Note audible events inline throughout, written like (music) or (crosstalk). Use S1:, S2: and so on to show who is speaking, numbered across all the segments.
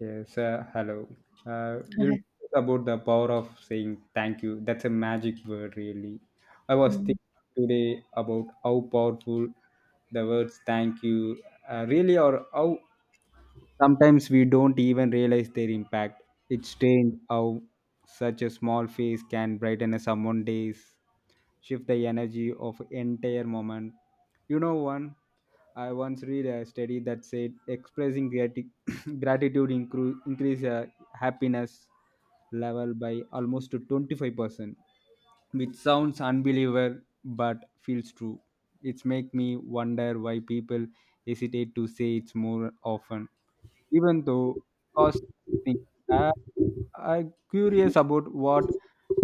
S1: Yes, hello. We'll
S2: Okay.
S1: talk about the power of saying thank you. That's a magic word, really. I was
S2: Mm.
S1: thinking today about how powerful the words thank you really are, how sometimes we don't even realize their impact. It's strange how such a small face can brighten someone's days, shift the energy of entire moment. You know, one. I once read a study that said expressing (coughs) (clears throat) gratitude increase happiness level by almost to 25%, which sounds unbelievable but feels true. It's make me wonder why people hesitate to say it's more often, even though cost. Thing. Uh, I'm curious about what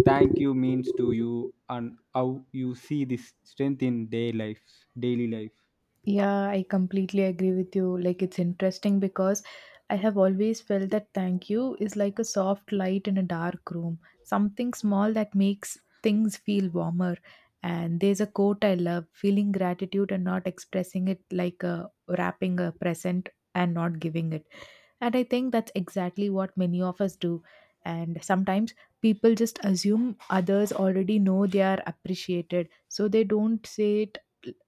S1: thank you means to you and how you see this strength in day life, daily life.
S2: Yeah, I completely agree with you. Like, it's interesting because I have always felt that thank you is like a soft light in a dark room, something small that makes things feel warmer. And there's a quote I love feeling gratitude and not expressing it like wrapping a present and not giving it. And I think that's exactly what many of us do. And sometimes people just assume others already know they are appreciated, so they don't say it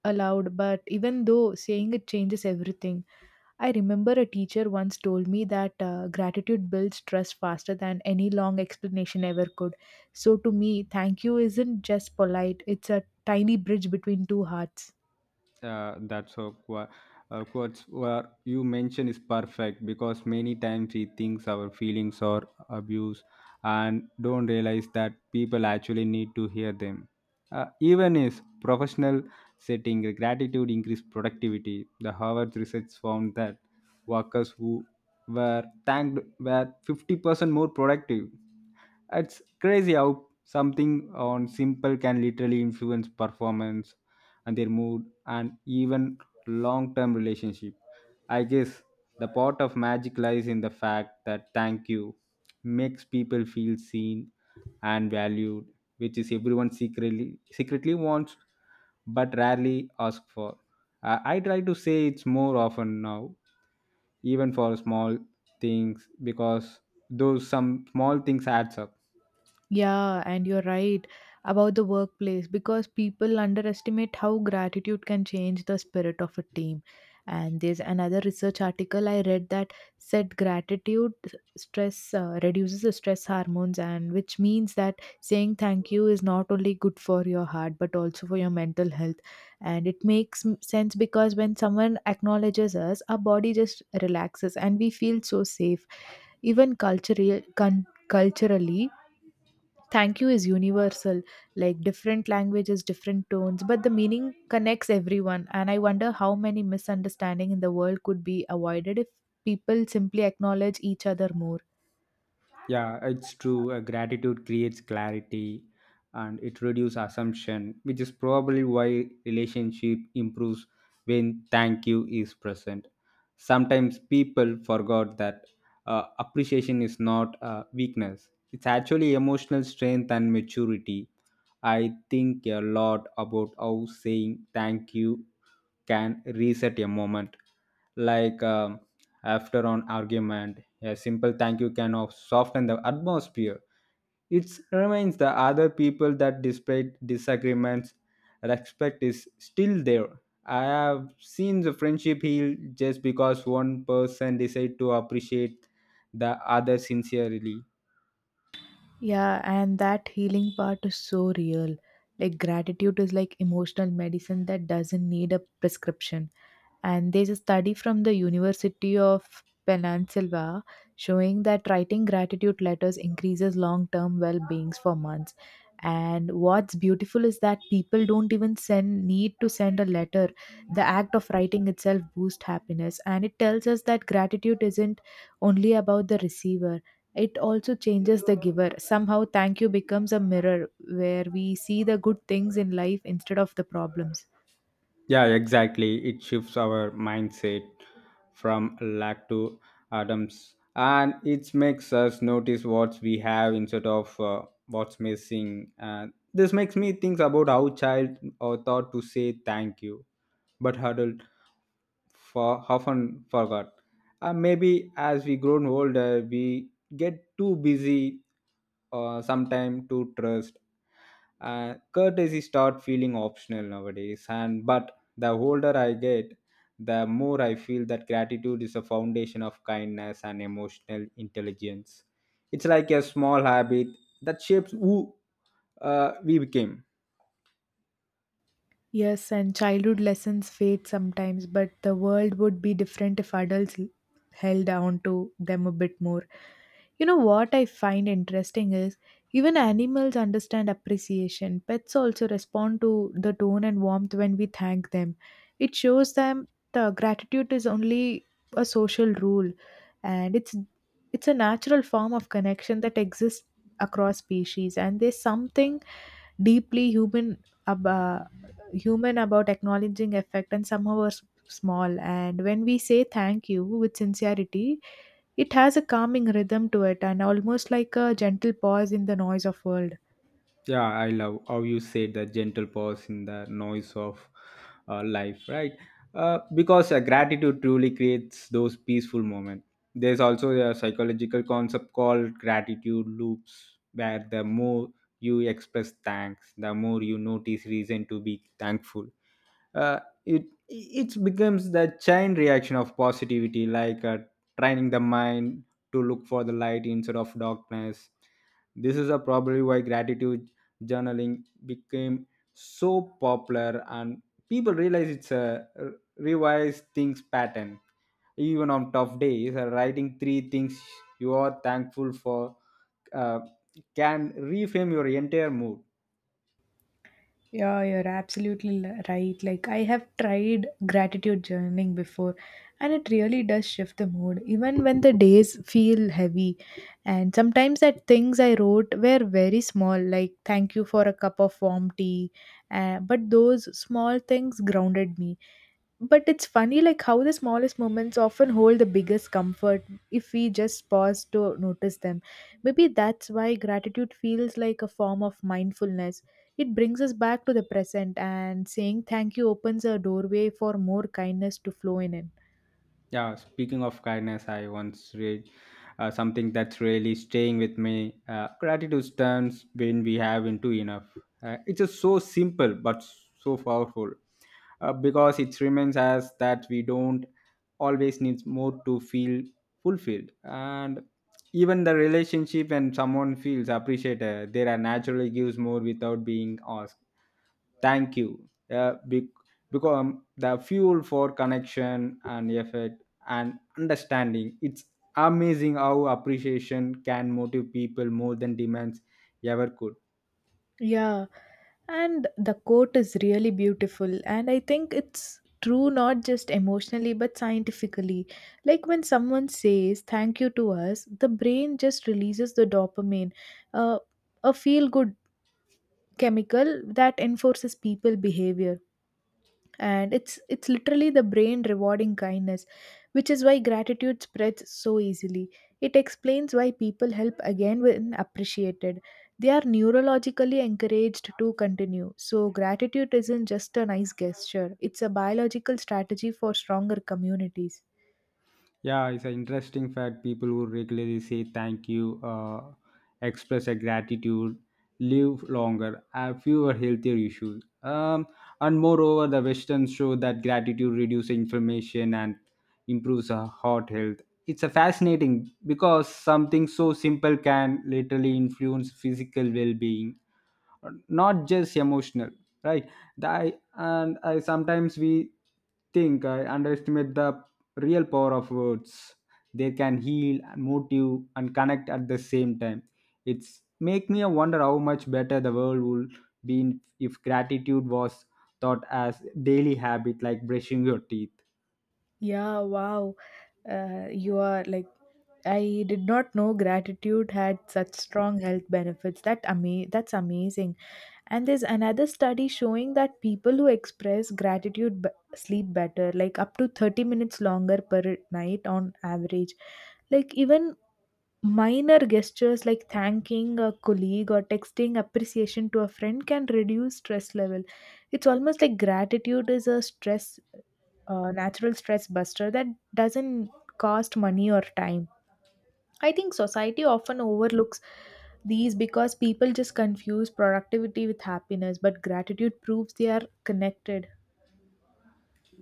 S2: allowed, but even though saying it changes everything. I remember a teacher once told me that gratitude builds trust faster than any long explanation ever could. So to me, thank you isn't just polite, it's a tiny bridge between two hearts.
S1: uh, that's so qu- quotes where you mention is perfect because many times we think our feelings are abused and don't realize that people actually need to hear them, even is professional setting gratitude increase productivity. The Harvard research found that workers who were thanked were 50% more productive. It's crazy how something on simple can literally influence performance and their mood and even long term relationship. I guess the part of magic lies in the fact that thank you makes people feel seen and valued, which is everyone secretly wants but rarely ask for. I try to say it's more often now, even for small things, because those some small things adds up.
S2: Yeah, and you're right about the workplace because people underestimate how gratitude can change the spirit of a team. And there's another research article I read that said gratitude stress reduces the stress hormones, and which means that saying thank you is not only good for your heart but also for your mental health. And it makes sense because when someone acknowledges us, our body just relaxes and we feel so safe, even culturally culturally thank you is universal, like different languages, different tones, but the meaning connects everyone. And I wonder how many misunderstanding in the world could be avoided if people simply acknowledge each other more.
S1: Yeah, it's true. Gratitude creates clarity and it reduces assumption, which is probably why relationship improves when thank you is present. Sometimes people forgot that appreciation is not a weakness. It's actually emotional strength and maturity. I think a lot about how saying thank you can reset a moment. Like, after an argument, a simple thank you soften the atmosphere. It reminds the other people that despite disagreements, respect is still there. I have seen the friendship heal just because one person decide to appreciate the other sincerely.
S2: Yeah, and that healing part is so real. Like gratitude is like emotional medicine that doesn't need a prescription. And there's a study from the University of Pennsylvania showing that writing gratitude letters increases long term well beings for months. And what's beautiful is that people don't even send need to send a letter. The act of writing itself boosts happiness, and it tells us that gratitude isn't only about the receiver. It also changes the giver. Somehow, thank you becomes a mirror where we see the good things in life instead of the problems.
S1: Yeah, exactly. It shifts our mindset from lack to atoms, and it makes us notice what we have instead of what's missing. And this makes me think about how child are taught to say thank you, but adult for often forgot. Maybe as we grown older, we get too busy, sometime to trust. Courtesy start feeling optional nowadays, and but the older I get, the more I feel that gratitude is a foundation of kindness and emotional intelligence. It's like a small habit that shapes who we became.
S2: Yes, and childhood lessons fade sometimes, but the world would be different if adults held on to them a bit more. You know what I find interesting is even animals understand appreciation. Pets also respond to the tone and warmth when we thank them. It shows them the gratitude is only a social rule and it's a natural form of connection that exists across species. And there's something deeply human about acknowledging effect and somehow are small. And when we say thank you with sincerity, it has a calming rhythm to it, and almost like a gentle pause in the noise of world.
S1: Yeah, I love how you said the gentle pause in the noise of life, right? Because gratitude truly creates those peaceful moments. There's also a psychological concept called gratitude loops, where the more you express thanks, the more you notice reason to be thankful. uh, it becomes the chain reaction of positivity, like training the mind to look for the light instead of darkness. This is a probably why gratitude journaling became so popular, and people realize it's revised things pattern. Even on tough days, writing three things you are thankful for uh, can reframe your entire mood.
S2: Yeah, you're absolutely right. Like, I have tried gratitude journaling before, and it really does shift the mood, even when the days feel heavy. And sometimes that things I wrote were very small, like, thank you for a cup of warm tea. But those small things grounded me. But it's funny like how the smallest moments often hold the biggest comfort if we just pause to notice them. Maybe that's why gratitude feels like a form of mindfulness. It brings us back to the present, and saying thank you opens a doorway for more kindness to flow in.
S1: Yeah, speaking of kindness, I once read something that's really staying with me. Gratitude turns when we have into enough. It's just so simple but so powerful, because it reminds us that we don't always need more to feel fulfilled. And even the relationship when someone feels appreciated, they are naturally gives more without being asked. Thank you, because the fuel for connection and effort and understanding. It's amazing how appreciation can motivate people more than demands ever could.
S2: Yeah, and the quote is really beautiful, and I think it's true not just emotionally but scientifically. Like when someone says thank you to us, the brain just releases the dopamine, uh, a feel good chemical that enforces people behavior. And it's literally the brain rewarding kindness, which is why gratitude spreads so easily. It explains why people help again when appreciated. They are neurologically encouraged to continue. So gratitude isn't just a nice gesture, it's a biological strategy for stronger communities.
S1: Yeah, it's an interesting fact. People who regularly say thank you, express their gratitude, live longer, have fewer healthier issues. And moreover, the Westerns show that gratitude reduces inflammation and improves our heart health. It's a fascinating because something so simple can literally influence physical well-being, not just emotional, right? The, I, and i sometimes we think I underestimate the real power of words. They can heal and motive and connect at the same time. It's make me wonder how much better the world would be if gratitude was thought as daily habit, like brushing your teeth.
S2: Yeah, wow. You are like, I did not know gratitude had such strong health benefits. That that's amazing. And there's another study showing that people who express gratitude sleep better, like up to 30 minutes longer per night on average. Like even minor gestures like thanking a colleague or texting appreciation to a friend can reduce stress level. It's almost like gratitude is a stress, natural stress buster that doesn't cost money or time. I think society often overlooks these because people just confuse productivity with happiness, but gratitude proves they are connected.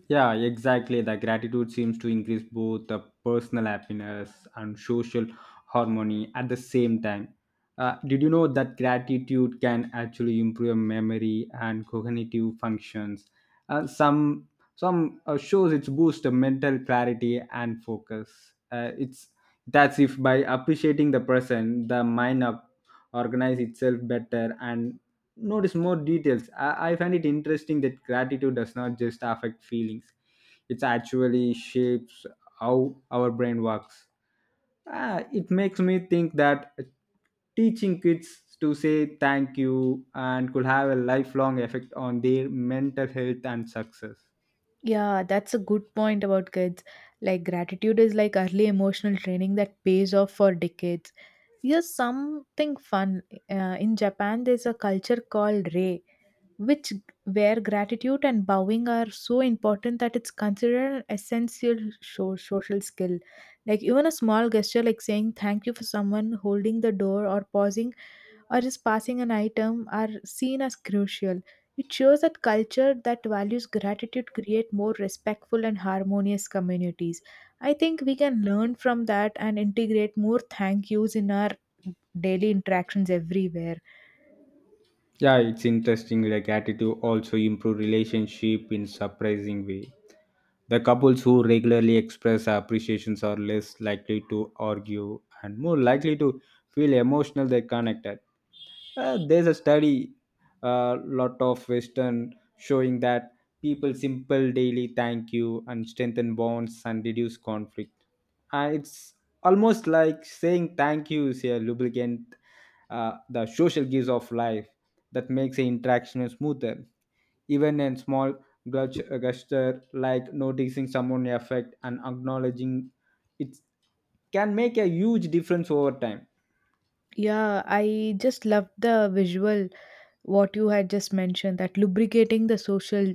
S1: Yeah, exactly. The gratitude seems to increase both the personal happiness and social harmony at the same time. Did you know that gratitude can actually improve memory and cognitive functions? Uh, some some shows it's boost the mental clarity and focus. It's that's if by appreciating the person, the mind up organize itself better and notice more details. I find it interesting that gratitude does not just affect feelings, it actually shapes how our brain works. Ah, it makes me think that teaching kids to say thank you and could have a lifelong effect on their mental health and success.
S2: Yeah, that's a good point about kids. Like, gratitude is like early emotional training that pays off for decades. Here's something fun. In Japan, there's a culture called Rei, which where gratitude and bowing are so important that it's considered an essential social skill, like even a small gesture like saying thank you for someone holding the door or pausing or just passing an item are seen as crucial. It shows that culture that values gratitude create more respectful and harmonious communities. I think we can learn from that and integrate more thank yous in our daily interactions everywhere.
S1: Yeah, it's interesting. Like attitude also improve relationship in surprising way. The couples who regularly express appreciations are less likely to argue and more likely to feel emotional they connected. There's a study, a lot of Western showing that people simple daily thank you and strengthen bonds and reduce conflict. And it's almost like saying thank you is a lubricant, the social gives of life that makes the interaction smoother. Even a small gesture like noticing someone affect and acknowledging it can make a huge difference over time.
S2: Yeah, I just loved the visual what you had just mentioned, that lubricating the social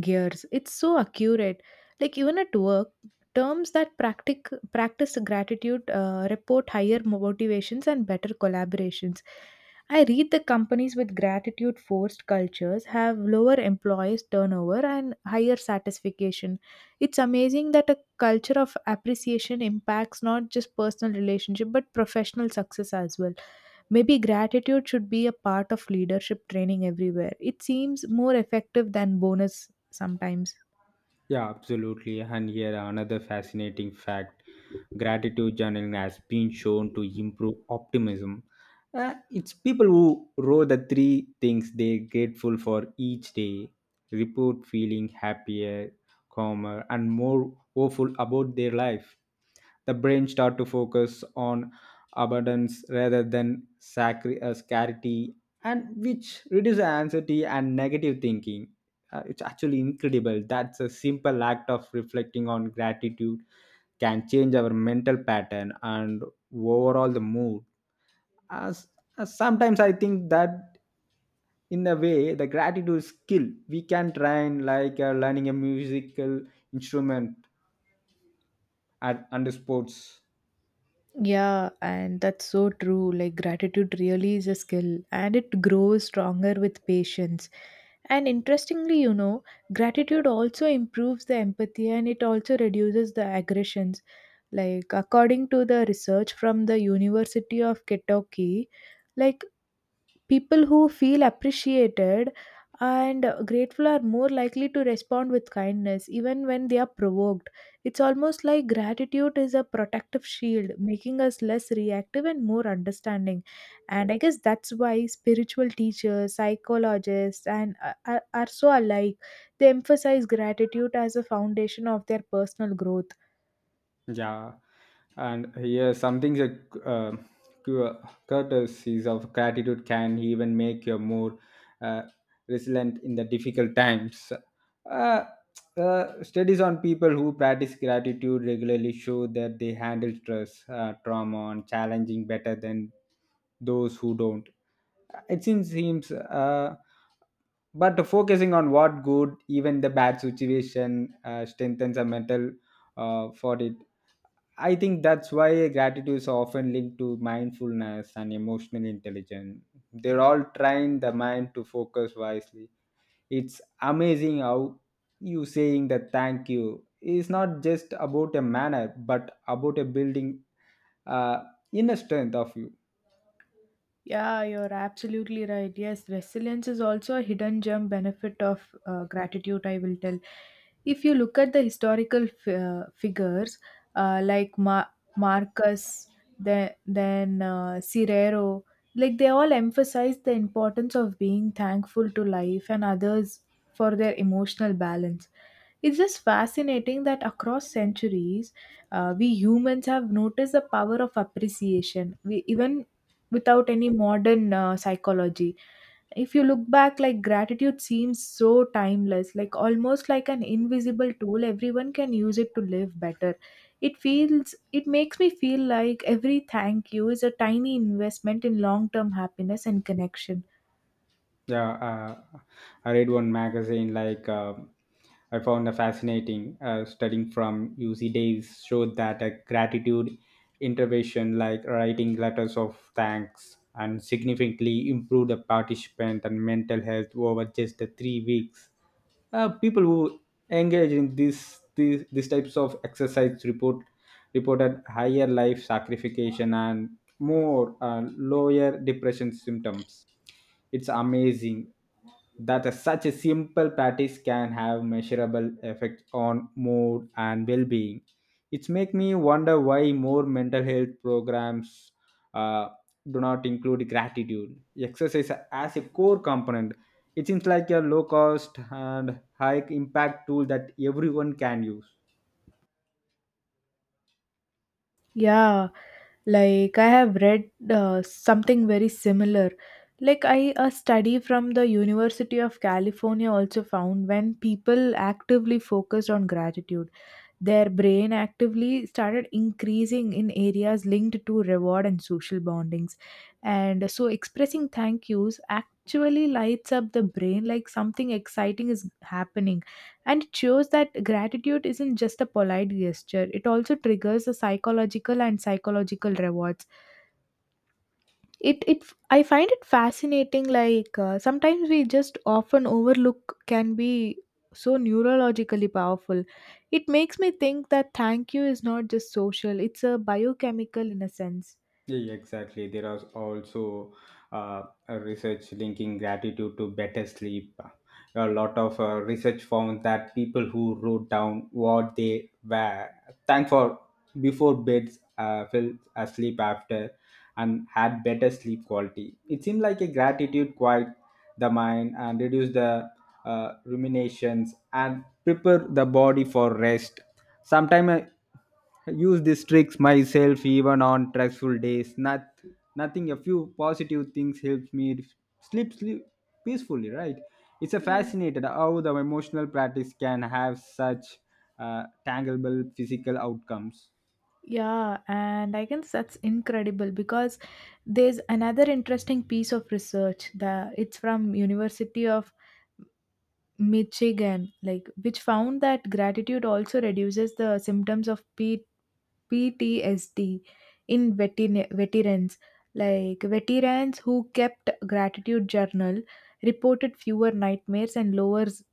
S2: gears. It's so accurate. Like even at work, terms that practice gratitude report higher motivations and better collaborations. I read the companies with gratitude forced cultures have lower employees turnover and higher satisfaction. It's amazing that a culture of appreciation impacts not just personal relationship but professional success as well. Maybe gratitude should be a part of leadership training everywhere. It seems more effective than bonus sometimes.
S1: Yeah, absolutely. And here another fascinating fact: gratitude journaling has been shown to improve optimism. It's people who wrote the three things they're grateful for each day, report feeling happier, calmer, and more hopeful about their life. The brain start to focus on abundance rather than scarcity, and which reduces anxiety and negative thinking. It's actually incredible. That's a simple act of reflecting on gratitude can change our mental pattern and overall the mood. As, as sometimes I think that in a way the gratitude skill we can train, like learning a musical instrument at under sports.
S2: Yeah, and that's so true. Like, gratitude really is a skill and it grows stronger with patience. And interestingly, you know, gratitude also improves the empathy and it also reduces the aggressions. Like, according to the research from the University of Kentucky, like people who feel appreciated and grateful are more likely to respond with kindness even when they are provoked. It's almost like gratitude is a protective shield, making us less reactive and more understanding. And I guess that's why spiritual teachers, psychologists, and are, so alike. They emphasize gratitude as a foundation of their personal growth.
S1: Yeah. And here, something that uh, cu- courtesies of gratitude can even make you more uh, resilient in the difficult times. Uh, studies on people who practice gratitude regularly show that they handle stress, trauma, and challenging better than those who don't. It seems. But focusing on what good, even the bad situation, strengthens a mental for it. I think that's why gratitude is often linked to mindfulness and emotional intelligence. They're all trying the mind to focus wisely. It's amazing how you saying that thank you is not just about a manner, but about a building uh, inner strength of you.
S2: Yeah, you're absolutely right. Yes, resilience is also a hidden gem benefit of gratitude, I will tell. If you look at the historical figures like Marcus, then Cirero, like they all emphasize the importance of being thankful to life and others for their emotional balance. It's just fascinating that across centuries, we humans have noticed the power of appreciation. We even without any modern psychology, if you look back, like gratitude seems so timeless, like almost like an invisible tool everyone can use it to live better. It makes me feel like every thank you is a tiny investment in long term happiness and connection.
S1: Yeah, I read one magazine like, I found a fascinating studying from UC Days showed that a gratitude intervention like writing letters of thanks and significantly improved the participant and mental health over just the 3 weeks. People who engage in these types of exercise reported higher life sacrification and more, lower depression symptoms. It's amazing that such a simple practice can have measurable effect on mood and well-being. It's make me wonder why more mental health programs uh, do not include gratitude exercise as a core component. It seems like a low cost and high impact tool that everyone can use.
S2: Yeah, like I have read something very similar. Like I A study from the University of California also found when people actively focused on gratitude, their brain actively started increasing in areas linked to reward and social bondings. And so expressing thank yous actually lights up the brain like something exciting is happening. And it shows that gratitude isn't just a polite gesture, it also triggers the psychological and psychological rewards. It I find it fascinating, like sometimes we just often overlook can be so neurologically powerful. It makes me think that thank you is not just social, it's a biochemical in a sense.
S1: Yeah, exactly. There are also uh, a research linking gratitude to better sleep. A lot of research found that people who wrote down what they were thankful for before beds fell asleep after and had better sleep quality. It seemed like a gratitude quite the mind and reduce the ruminations and prepare the body for rest. Sometimes I use these tricks myself even on stressful days. Not nothing. A few positive things helps me sleep peacefully. Right. It's a
S2: Mm.
S1: fascinated how the emotional practice can have such tangible physical outcomes.
S2: Yeah, and I guess that's incredible because there's another interesting piece of research that it's from University of Michigan, like which found that gratitude also reduces the symptoms of P. PTSD in veterans. Like veterans who kept gratitude journal reported fewer nightmares and lowers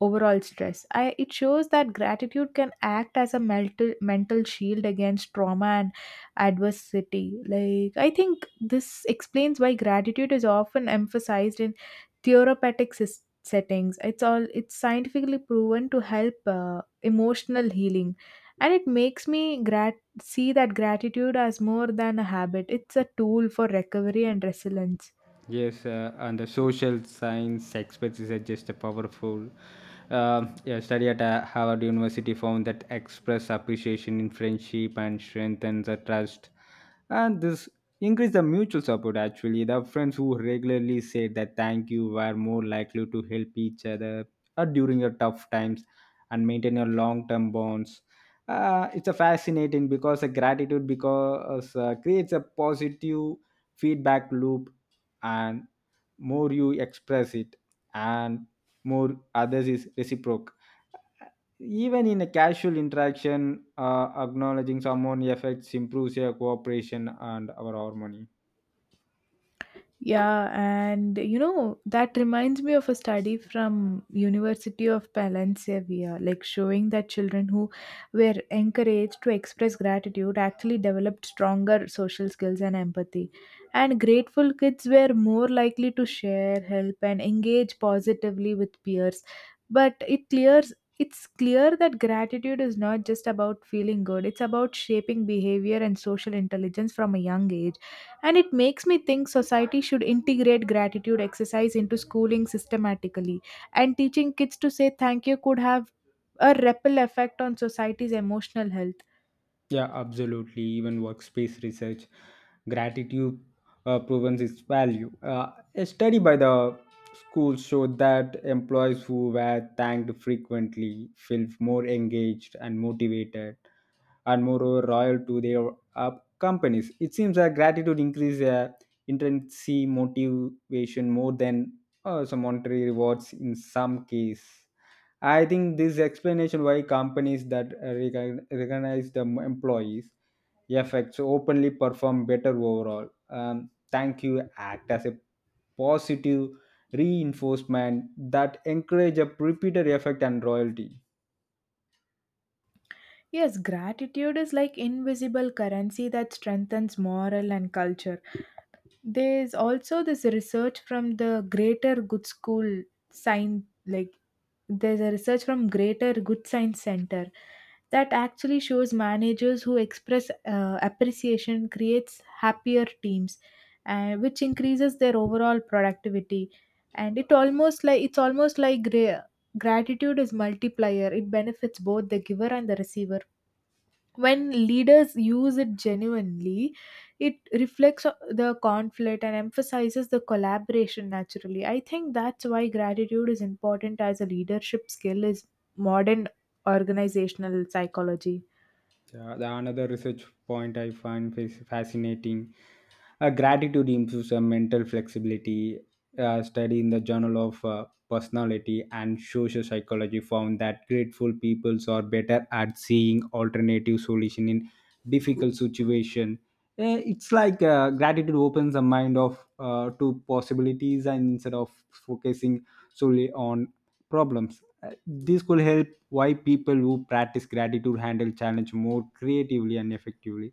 S2: overall stress. It shows that gratitude can act as a mental shield against trauma and adversity. Like I think this explains why gratitude is often emphasized in therapeutic settings. It's scientifically proven to help emotional healing, and it makes me grat see that gratitude as more than a habit, it's a tool for recovery and resilience.
S1: Yes, and the social science experts is just a powerful. Yeah, study at Harvard University found that express appreciation in friendship and strengthens the trust, and this increase the mutual support. Actually, the friends who regularly said that thank you were more likely to help each other during your tough times and maintain your long-term bonds. It's a fascinating because a gratitude because creates a positive feedback loop, and more you express it and more others is reciprocal. Even in a casual interaction, acknowledging someone effects improves your cooperation and our harmony.
S2: Yeah, and you know, that reminds me of a study from University of Valencia, like showing that children who were encouraged to express gratitude actually developed stronger social skills and empathy. And grateful kids were more likely to share, help, and engage positively with peers. But it clears It's clear that gratitude is not just about feeling good, it's about shaping behavior and social intelligence from a young age. And it makes me think society should integrate gratitude exercise into schooling systematically. And teaching kids to say thank you could have a ripple effect on society's emotional health.
S1: Yeah, absolutely. Even workspace research, gratitude proven its value. A study by the school showed that employees who were thanked frequently felt more engaged and motivated. And moreover royal to their uh, companies. It seems that gratitude increases intrinsic motivation more than some monetary rewards in some case. I think this explanation why companies that recognize the employees effects openly perform better overall. Thank you act as a positive reinforcement that encourage a repeated effect and royalty.
S2: Yes, gratitude is like invisible currency that strengthens moral and culture. There's also this research from the Greater Good School Science, like there's a research from Greater Good Science Center that actually shows managers who express appreciation creates happier teams, and which increases their overall productivity. And it's almost like gratitude is multiplier. It benefits both the giver and the receiver when leaders use it genuinely, it reflects the conflict and emphasizes the collaboration naturally. I think that's why gratitude is important as a leadership skill is modern organizational psychology.
S1: Yeah, the another research point I find fascinating gratitude improves mental flexibility. Study in the Journal of Personality and Social Psychology found that grateful peoples are better at seeing alternative solution in difficult situation. It's like gratitude opens the mind of to possibilities and instead of focusing solely on problems. This could help why people who practice gratitude handle challenge more creatively and effectively,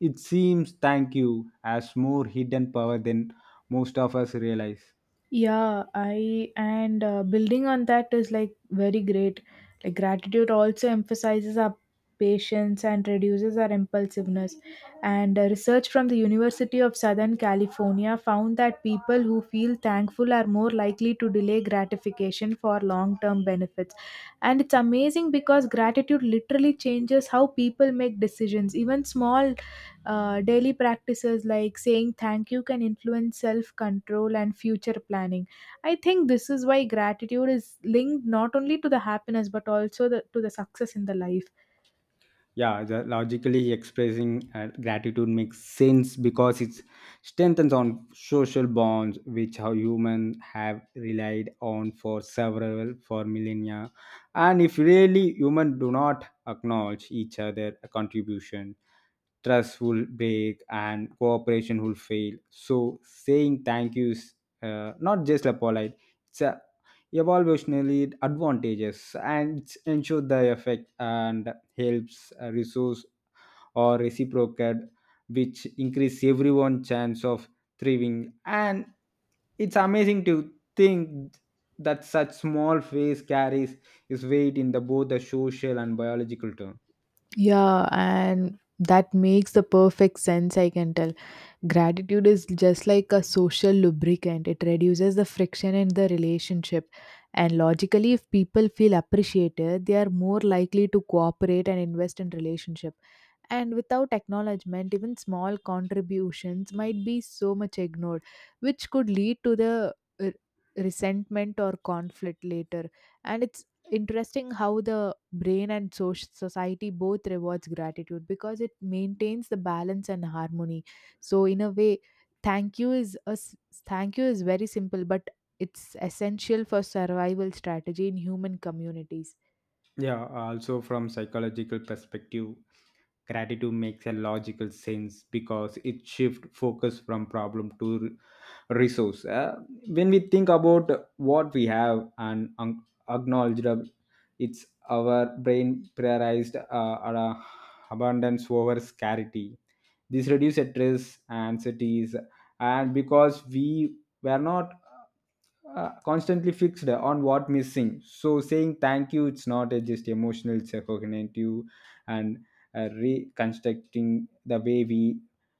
S1: it seems thank you has more hidden power than most of us realize.
S2: Yeah, I and building on that is like very great. Like gratitude also emphasizes our patience and reduces our impulsiveness. And research from the University of Southern California found that people who feel thankful are more likely to delay gratification for long-term benefits. And it's amazing because gratitude literally changes how people make decisions. Even small daily practices like saying thank you can influence self control and future planning. I think this is why gratitude is linked not only to the happiness but also to the success in the life.
S1: Yeah, the logically expressing gratitude makes sense because it strengthens on social bonds which how humans have relied on for several for millennia, and if really humans do not acknowledge each other contribution, trust will break and cooperation will fail. So saying thank you is not just a polite, it's a evolutionary advantages, and it's ensure the effect and helps a resource or reciprocate, which increase everyone's chance of thriving. And it's amazing to think that such small phase carries its weight in the both the social and biological term.
S2: Yeah, and that makes the perfect sense, I can tell. Gratitude is just like a social lubricant, it reduces the friction in the relationship. And logically, if people feel appreciated, they are more likely to cooperate and invest in relationship. And without acknowledgement, even small contributions might be so much ignored, which could lead to the uh, resentment or conflict later, and it's interesting how the brain and society both rewards gratitude because it maintains the balance and harmony. So in a way, thank you is a s- thank you is very simple but it's essential for survival strategy in human communities.
S1: Yeah, also from psychological perspective, gratitude makes a logical sense because it shifts focus from problem to resource. When we think about what we have and acknowledge that, it's our brain prioritized our abundance over scarcity. This reduces stress, anxieties, and because we were not constantly fixed on what missing. So saying thank you, it's not a just emotional, it's a cognitive and reconstructing the way we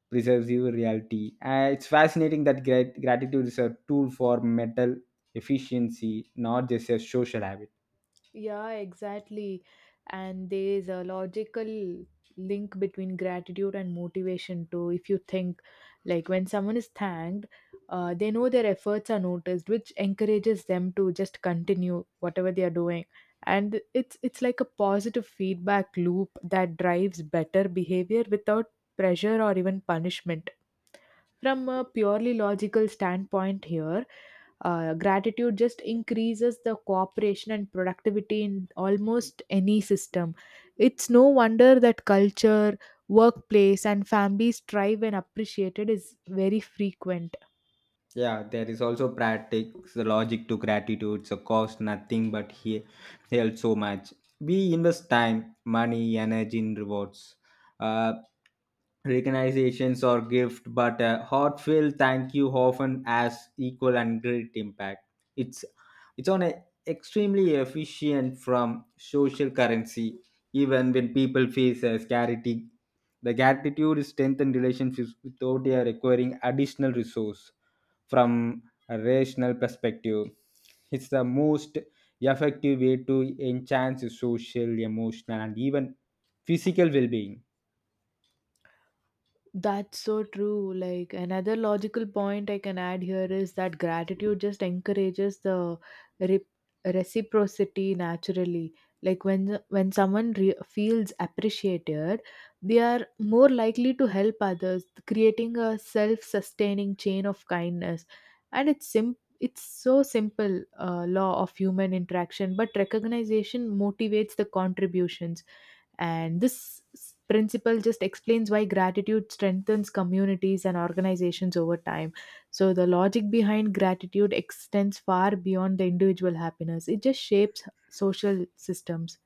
S1: preserve your reality. It's fascinating that gratitude is a tool for mental efficiency, not just a social habit.
S2: Yeah, exactly. And there is a logical link between gratitude and motivation too. If you think, like, when someone is thanked, they know their efforts are noticed, which encourages them to just continue whatever they are doing. And it's like a positive feedback loop that drives better behavior without pressure or even punishment. From a purely logical standpoint, here, gratitude just increases the cooperation and productivity in almost any system. It's no wonder that culture, workplace, and families thrive when appreciated is very frequent.
S1: Yeah, there is also practice, the logic to gratitude, so cost nothing but he held so much. We invest time, money, energy in rewards, uh, recognitions or gift, but a heartfelt thank you often has equal and great impact. It's it's on a extremely efficient from social currency, even when people face a scarcity. The gratitude strengthens relationships without they are requiring additional resource from a rational perspective. It's the most effective way to enhance social, emotional, and even physical well being.
S2: That's so true. Like another logical point I can add here is that gratitude just encourages the re- reciprocity naturally. Like when someone feels appreciated, they are more likely to help others, creating a self-sustaining chain of kindness. And it's so simple law of human interaction, but recognition motivates the contributions, and this principle just explains why gratitude strengthens communities and organizations over time. So, the logic behind gratitude extends far beyond the individual happiness, it just shapes social systems.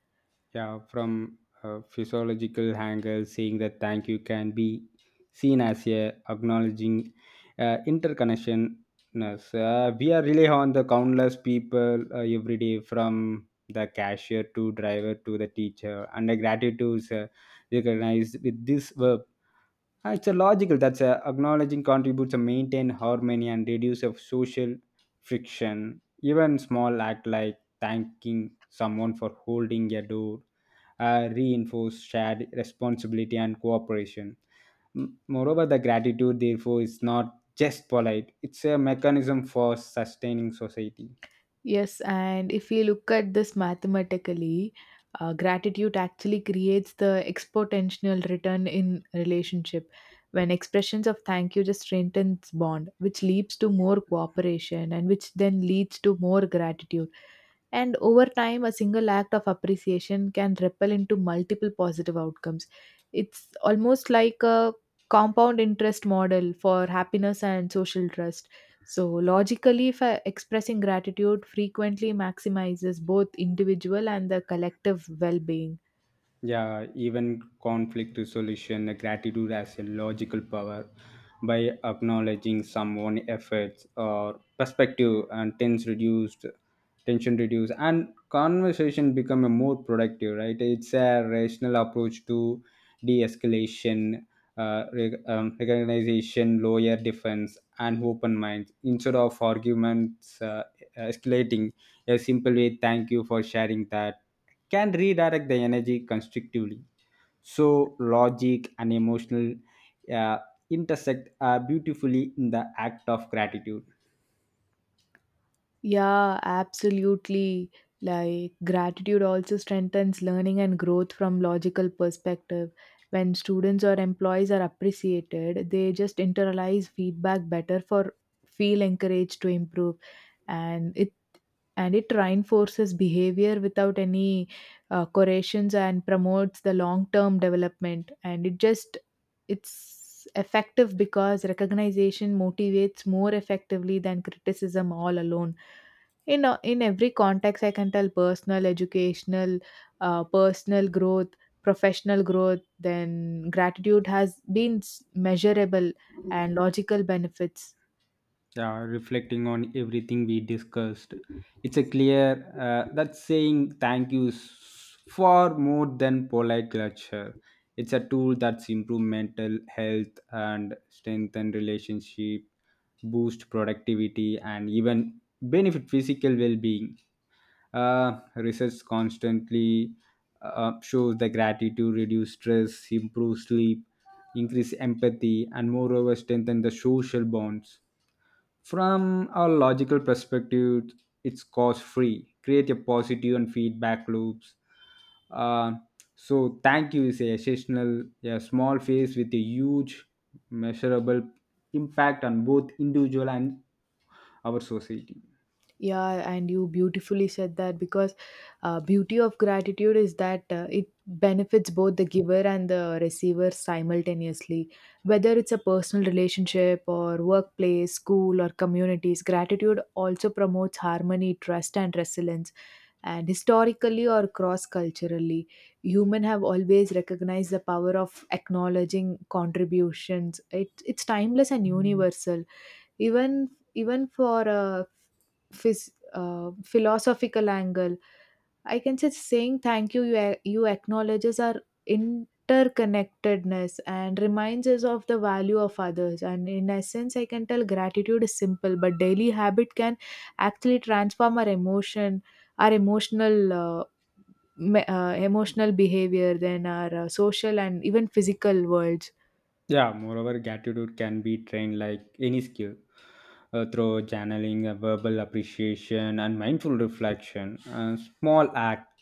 S1: Yeah, from a physiological angle, saying that thank you can be seen as a acknowledging interconnection. Yes, we are really on the countless people every day, from the cashier to driver to the teacher, and the gratitude is recognized with this verb. Ah, it's a logical that's a acknowledging contributes to maintain harmony and reduce of social friction. Even small act like thanking someone for holding a door reinforce shared responsibility and cooperation. Moreover, the gratitude therefore is not just polite; it's a mechanism for sustaining society.
S2: Yes, and if we look at this mathematically, gratitude actually creates the exponential return in relationship. When expressions of thank you just strengthens bond, which leads to more cooperation and which then leads to more gratitude. And over time, a single act of appreciation can ripple into multiple positive outcomes. It's almost like a compound interest model for happiness and social trust. So, logically, if I- expressing gratitude frequently maximizes both individual and the collective well being.
S1: Yeah, even conflict resolution, gratitude as a logical power by acknowledging someone's efforts or perspective, and tense reduced tension reduced and conversation become a more productive, right? It's a rational approach to de-escalation. Recognition lower defense and open minds instead of arguments escalating. A simple way, thank you for sharing that, can redirect the energy constructively. So, logic and emotional uh, intersect beautifully in the act of gratitude.
S2: Yeah, absolutely. Like, gratitude also strengthens learning and growth from logical perspective. When students or employees are appreciated, they just internalize feedback better for feel encouraged to improve, and it and it reinforces behavior without any corrections and promotes the long term development, and it just, it's effective because recognition motivates more effectively than criticism all alone in every context. I can tell personal, educational, personal growth, professional growth, then gratitude has been measurable and logical benefits.
S1: Yeah, reflecting on everything we discussed, it's a clear that saying thank you is far more than polite culture. It's a tool that's improve mental health and strengthen relationship, boost productivity, and even benefit physical well-being. Research constantly shows that gratitude reduce stress, improve sleep, increase empathy, and moreover strengthen the social bonds. From a logical perspective, it's cost free. Create a positive and feedback loops. Uh, so thank you is a essential, a small phase with a huge measurable impact on both individual and our society.
S2: Yeah, and you beautifully said that because beauty of gratitude is that it benefits both the giver and the receiver simultaneously. Whether it's a personal relationship or workplace, school or communities, gratitude also promotes harmony, trust and resilience. And historically or cross-culturally, human have always recognized the power of acknowledging contributions. It's timeless and universal. Even for philosophical angle, I can say saying thank you, you acknowledges our interconnectedness and reminds us of the value of others. And in essence, I can tell gratitude is simple but daily habit can actually transform our emotion, our emotional behavior, then our social and even physical worlds.
S1: Yeah, moreover, gratitude can be trained like any skill through channeling, verbal appreciation, and mindful reflection. A small act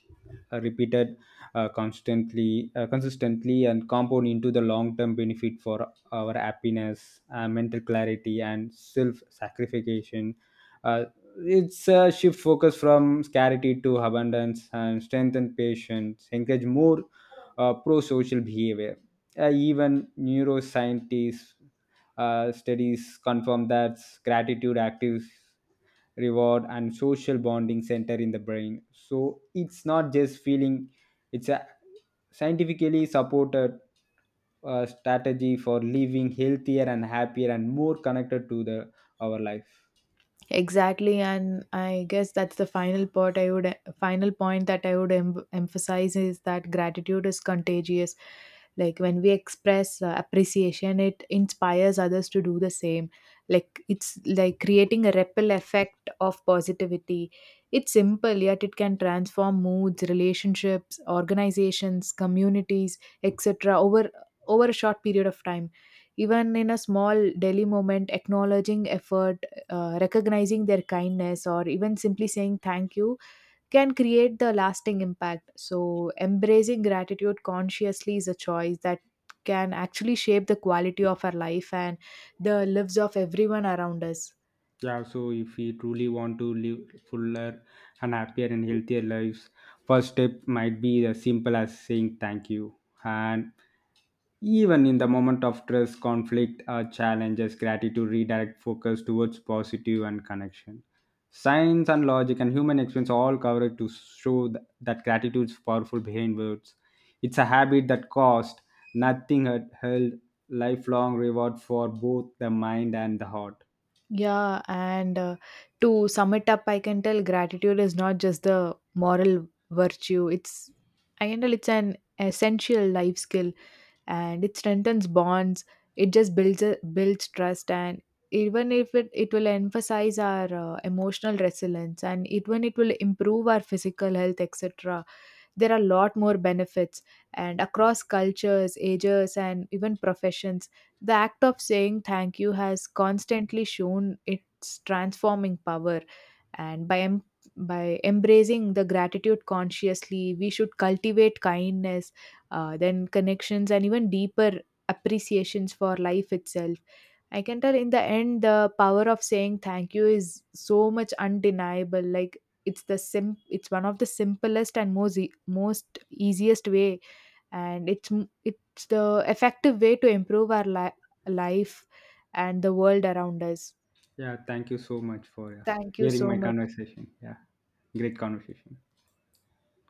S1: repeated constantly consistently and compound into the long term benefit for our happiness, mental clarity and self sacrification. uh, it's a shift focus from scarcity to abundance and strengthen patience, encourage more pro-social behavior. Even neuroscientists studies confirm that gratitude actives reward and social bonding center in the brain. So it's not just feeling, it's a scientifically supported strategy for living healthier and happier and more connected to the our life.
S2: Exactly, and I guess that's the final part I would, final point that I would emphasize is that gratitude is contagious. Like when we express appreciation, it inspires others to do the same. Like it's like creating a ripple effect of positivity. It's simple, yet it can transform moods, relationships, organizations, communities, etc. over a short period of time. Even in a small daily moment, acknowledging effort, recognizing their kindness or even simply saying thank you can create the lasting impact. So, embracing gratitude consciously is a choice that can actually shape the quality of our life and the lives of everyone around us.
S1: Yeah, so if we truly want to live fuller and happier and healthier lives, first step might be as simple as saying thank you. And even in the moment of stress, conflict, or challenges, gratitude redirect focus towards positive and connection. Science and logic and human experience all cover it to show that gratitude is powerful behind words. It's a habit that cost nothing, had held lifelong reward for both the mind and the heart.
S2: Yeah, and to sum it up, I can tell gratitude is not just the moral virtue. I can tell it's an essential life skill, and it strengthens bonds. It just builds trust, and even if it, it will emphasize our emotional resilience, and even it will improve our physical health, etc. There are a lot more benefits, and across cultures, ages and even professions, the act of saying thank you has constantly shown its transforming power. And by embracing the gratitude consciously, we should cultivate kindness, then connections and even deeper appreciations for life itself. I can tell in the end, the power of saying thank you is so much undeniable. Like it's one of the simplest and most easiest way, and it's the effective way to improve our life and the world around us.
S1: Yeah, thank you so much for
S2: Thank you
S1: hearing
S2: so
S1: my
S2: much.
S1: conversation. Yeah, great conversation.